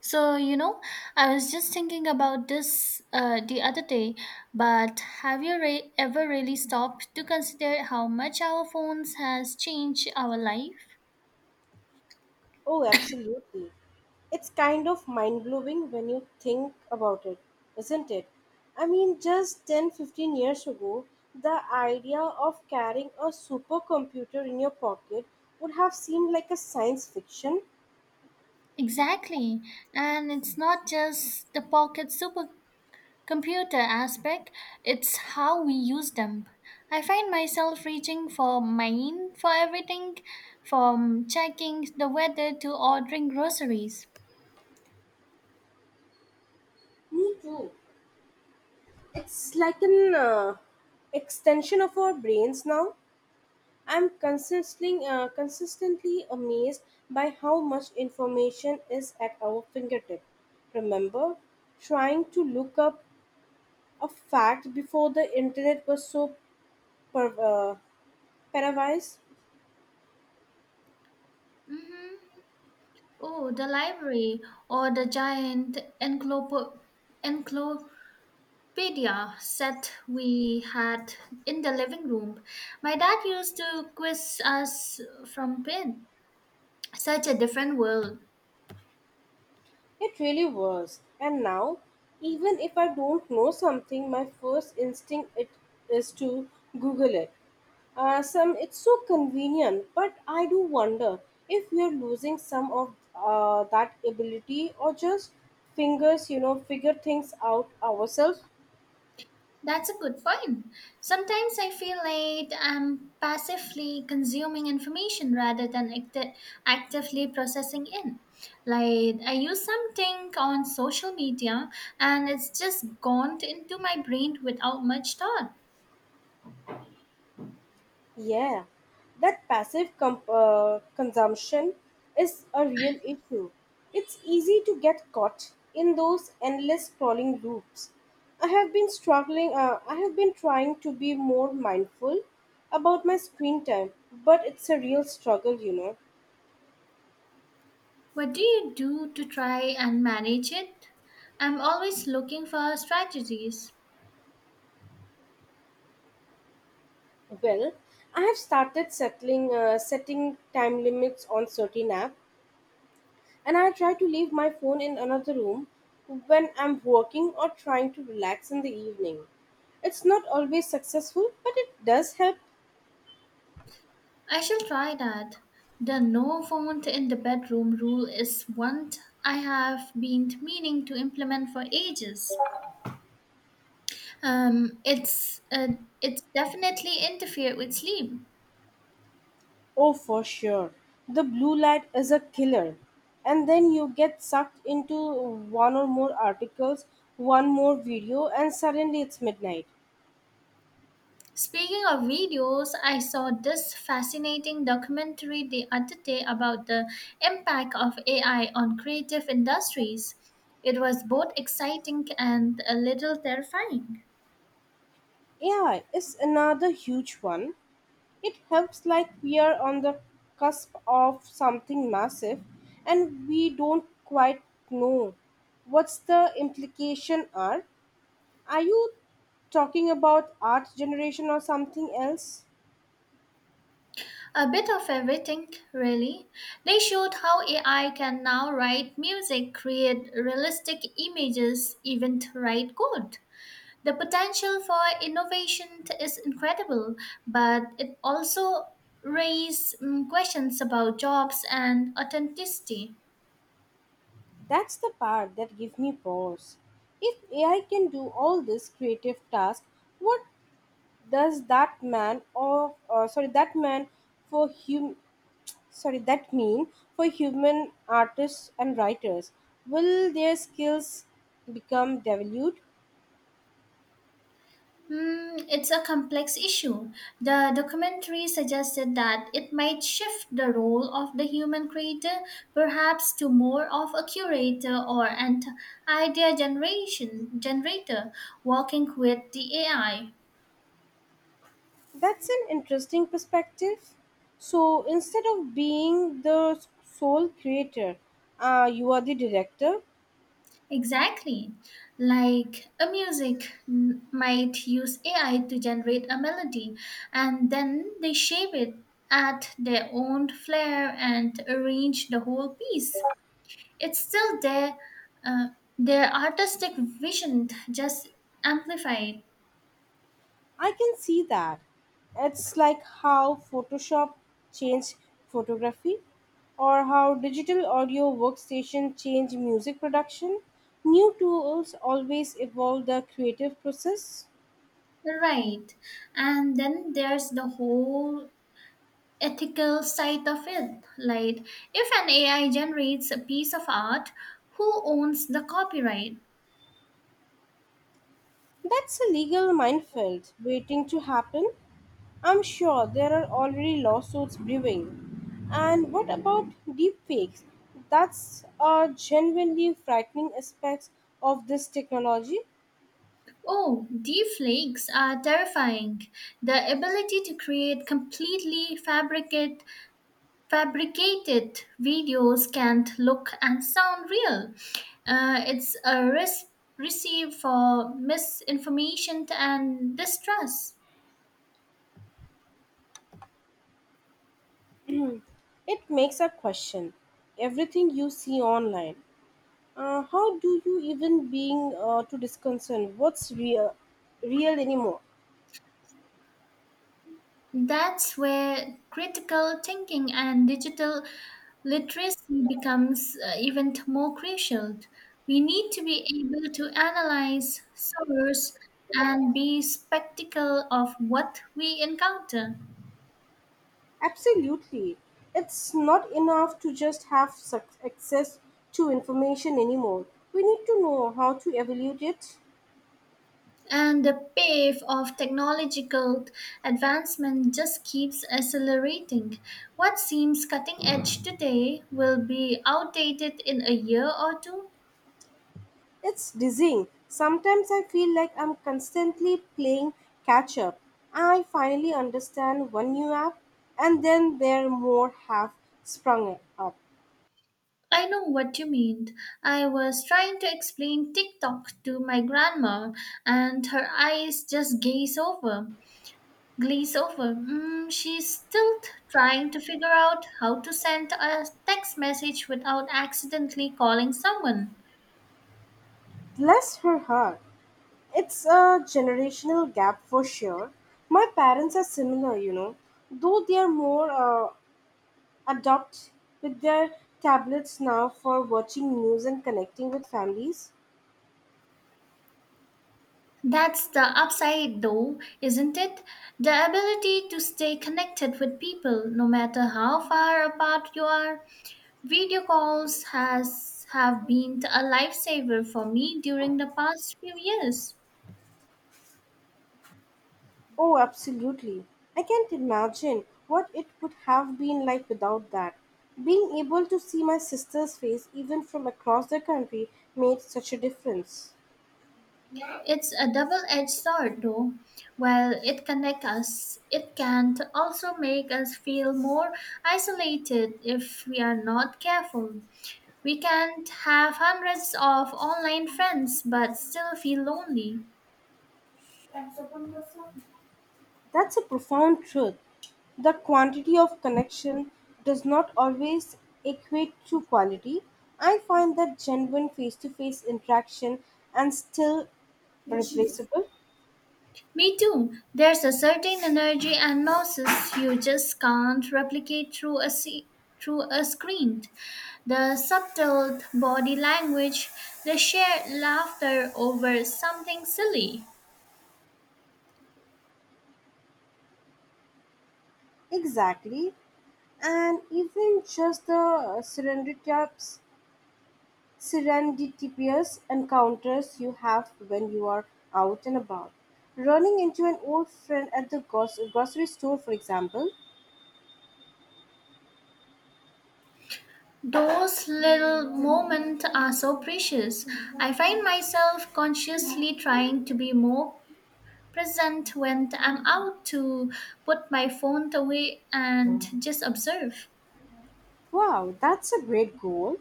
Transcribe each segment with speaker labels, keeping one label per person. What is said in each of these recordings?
Speaker 1: So, I was just thinking about this the other day, but have you ever really stopped to consider how much our phones has changed our life?
Speaker 2: Oh, absolutely. It's kind of mind blowing when you think about it, isn't it? I mean, just 10, 15 years ago, the idea of carrying a supercomputer in your pocket would have seemed like a science fiction.
Speaker 1: Exactly. And it's not just the pocket supercomputer aspect, it's how we use them. I find myself reaching for mine for everything from checking the weather to ordering groceries.
Speaker 2: Me too. It's like an extension of our brains now. I'm consistently amazed by how much information is at our fingertip. Remember trying to look up a fact before the internet was so per- uh, pervasive.
Speaker 1: Mm-hmm. Oh, the library or the giant encyclopedia set we had in the living room. My dad used to quiz us from pen. Such a different world.
Speaker 2: It really was. And now, even if I don't know something, my first instinct it is to Google it. Some it's so convenient, but I do wonder if we are losing some of that ability or just fingers, figure things out ourselves.
Speaker 1: That's a good point. Sometimes I feel like I'm passively consuming information rather than actively processing it. Like I use something on social media and it's just gone into my brain without much thought.
Speaker 2: Yeah, that consumption is a real issue. It's easy to get caught in those endless scrolling loops. I have been trying to be more mindful about my screen time, but it's a real struggle, you know.
Speaker 1: What do you do to try and manage it? I'm always looking for strategies.
Speaker 2: Well, I have started settling, setting time limits on certain apps. And I try to leave my phone in another room when I'm working or trying to relax in the evening. It's not always successful, but it does help.
Speaker 1: I shall try that. The no phone in the bedroom rule is I have been meaning to implement for ages. Um, it's uh, it's definitely interfere with sleep.
Speaker 2: Oh, for sure. The blue light is a killer. And then you get sucked into one or more articles, one more video, and suddenly it's midnight.
Speaker 1: Speaking of videos, I saw this fascinating documentary the other day about the impact of AI on creative industries. It was both exciting and a little terrifying.
Speaker 2: AI is another huge one. It helps like we are on the cusp of something massive and we don't quite know what's the implication are. Are you talking about art generation or something else?
Speaker 1: A bit of everything, really. They showed how AI can now write music, create realistic images, even write code. The potential for innovation is incredible, but it also raises questions about jobs and authenticity.
Speaker 2: That's the part that gives me pause. If AI can do all this creative task, what does that man or sorry that man for hum- sorry that mean for human artists and writers will their skills become devalued?
Speaker 1: Hmm, it's a complex issue. The documentary suggested that it might shift the role of the human creator perhaps to more of a curator or an idea generation generator working with the AI.
Speaker 2: That's an interesting perspective. So instead of being the sole creator, you are the director.
Speaker 1: Exactly. Like a might use AI to generate a melody and then they shape it at their own flair and arrange the whole piece. It's still there, uh, their artistic vision, just amplified.
Speaker 2: I can see that. It's like how Photoshop changed photography, or how digital audio workstation change music production. New tools always evolve the creative process.
Speaker 1: Right. And then there's the whole ethical side of it. Like, if an AI generates a piece of art, who owns the copyright?
Speaker 2: That's a legal minefield waiting to happen. I'm sure there are already lawsuits brewing. And what about deepfakes? That's a genuinely frightening aspect of this technology.
Speaker 1: Oh, deepfakes are terrifying. The ability to create completely fabricated videos can't look and sound real. It's a risk receive for misinformation and distrust.
Speaker 2: It makes a question everything you see online. How do you even being to disconcern real anymore?
Speaker 1: That's where critical thinking and digital literacy becomes even more crucial. We need to be able to analyze source and be skeptical of what we encounter.
Speaker 2: Absolutely. It's not enough to just have access to information anymore. We need to know how to evaluate it.
Speaker 1: And the pace of technological advancement just keeps accelerating. What seems cutting edge today will be outdated in a year or two.
Speaker 2: It's dizzying. Sometimes I feel like I'm constantly playing catch up. I finally understand one new app, and then there more have sprung up.
Speaker 1: I know what you mean. I was trying to explain TikTok to my grandma, and her eyes just glaze over. Mm, she's still trying to figure out how to send a text message without accidentally calling someone.
Speaker 2: Bless her heart. It's a generational gap for sure. My parents are similar, you know, though they are more adopt with their tablets now for watching news and connecting with families.
Speaker 1: That's the upside, though, isn't it? The ability to stay connected with people, no matter how far apart you are. Video calls has have been a lifesaver for me during the past few years.
Speaker 2: Oh, absolutely. I can't imagine what it would have been like without that. Being able to see my sister's face, even from across the country, made such a difference.
Speaker 1: It's a double-edged sword, though. While it connects us, it can also make us feel more isolated if we are not careful. We can have hundreds of online friends but still feel lonely.
Speaker 2: That's a profound truth. The quantity of connection does not always equate to quality. I find that genuine face to face interaction and still replaceable.
Speaker 1: Me too. There's a certain energy and gnosis you just can't replicate through a through a screen. The subtle body language, the shared laughter over something silly.
Speaker 2: Exactly. And even just the serendipitous encounters you have when you are out and about. Running into an old friend at the grocery store, for example.
Speaker 1: Those little moments are so precious. I find myself consciously trying to be more present when I'm out to put my phone away and just observe.
Speaker 2: Wow, that's a great goal.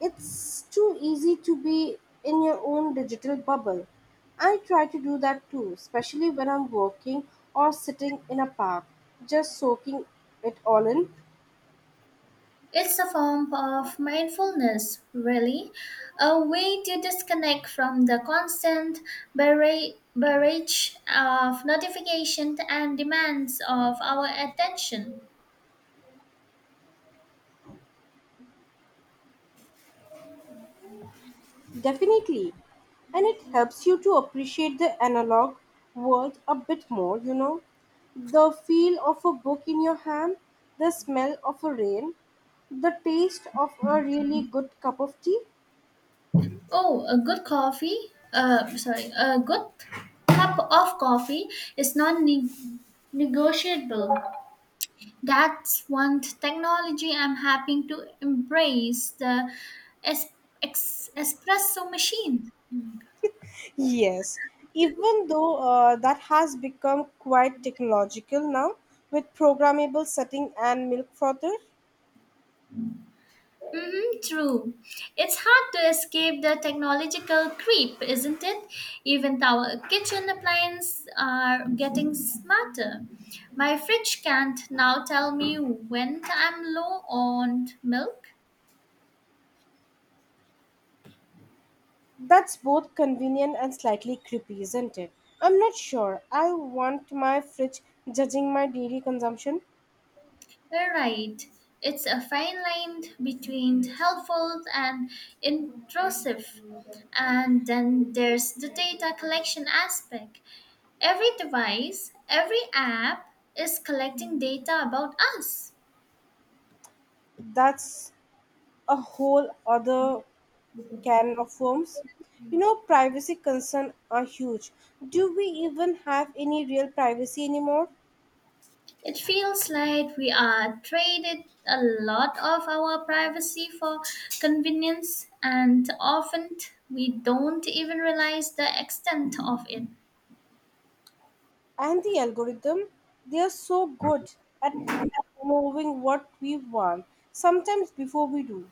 Speaker 2: It's too easy to be in your own digital bubble. I try to do that too, especially when I'm working or sitting in a park, just soaking it all in.
Speaker 1: It's a form of mindfulness, really, a way to disconnect from the constant barrage of notifications and demands of our attention.
Speaker 2: Definitely. And it helps you to appreciate the analog world a bit more, you know. The feel of a book in your hand, the smell of a rain, the taste of a really good cup of tea.
Speaker 1: Oh, a good cup of coffee is non negotiable. That's one technology I'm happy to embrace the es- espresso machine.
Speaker 2: Yes, even though that has become quite technological now with programmable setting and milk frother.
Speaker 1: Hmm, true. It's hard to escape the technological creep, isn't it? Even our kitchen appliances are getting smarter. My fridge can't now tell me when I'm low on milk.
Speaker 2: That's both convenient and slightly creepy, isn't it? I'm not sure. I want my fridge judging my daily consumption.
Speaker 1: You're right. It's a fine line between helpful and intrusive. And then there's the data collection aspect. Every device, every app is collecting data about us.
Speaker 2: That's a whole other can of worms. You know, privacy concerns are huge. Do we even have any real privacy anymore?
Speaker 1: It feels like we are traded a lot of our privacy for convenience, and often we don't even realize the extent of it.
Speaker 2: And the algorithm, they are so good at knowing what we want, sometimes before we do.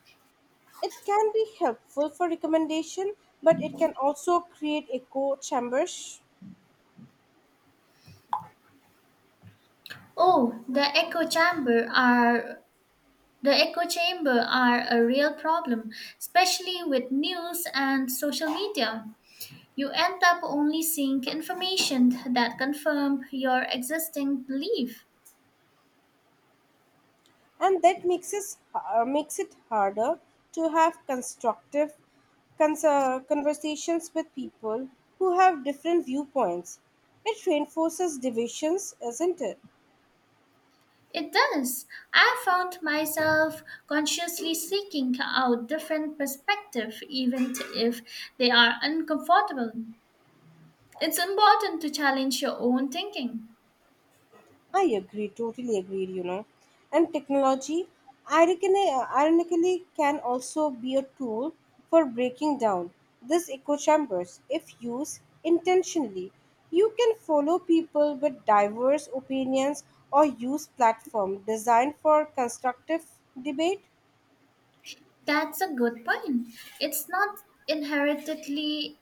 Speaker 2: It can be helpful for recommendation, but it can also create echo chambers.
Speaker 1: Oh, the echo chamber are The echo chamber are a real problem, especially with news and social media. You end up only seeing information that confirm your existing belief.
Speaker 2: And that makes it harder to have conversations with people who have different viewpoints. It reinforces divisions, isn't it?
Speaker 1: It does. I found myself consciously seeking out different perspectives, even if they are uncomfortable. It's important to challenge your own thinking.
Speaker 2: I agree, totally agreed, you know. And technology, ironically, can also be a tool for breaking down these echo chambers if used intentionally. You can follow people with diverse opinions or use platform designed for constructive debate.
Speaker 1: That's a good point. It's not inherently.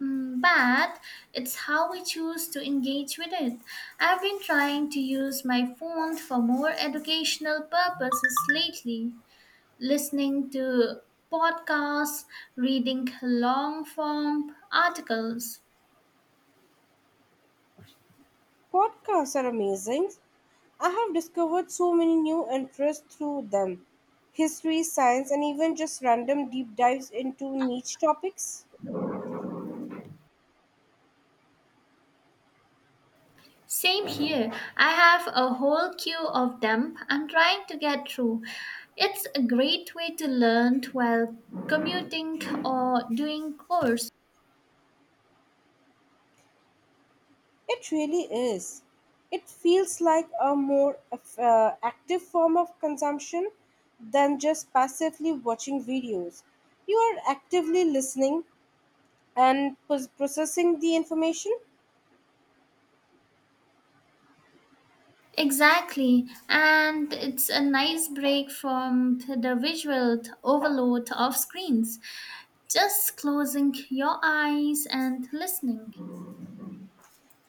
Speaker 1: Mm, but it's how we choose to engage with it. I've been trying to use my phone for more educational purposes lately, listening to podcasts, reading long form articles.
Speaker 2: Podcasts are amazing. I have discovered so many new interests through them. History, science, and even just random deep dives into niche topics.
Speaker 1: Same here. I have a whole queue of them I'm trying to get through. It's a great way to learn while commuting or doing chores.
Speaker 2: It really is. It feels like a more active form of consumption than just passively watching videos. You are actively listening and processing the information.
Speaker 1: Exactly, and it's a nice break from the visual overload of screens. Just closing your eyes and listening.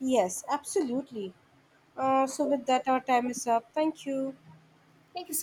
Speaker 2: Yes, absolutely. So, with that, our time is up. Thank you.
Speaker 1: Thank you so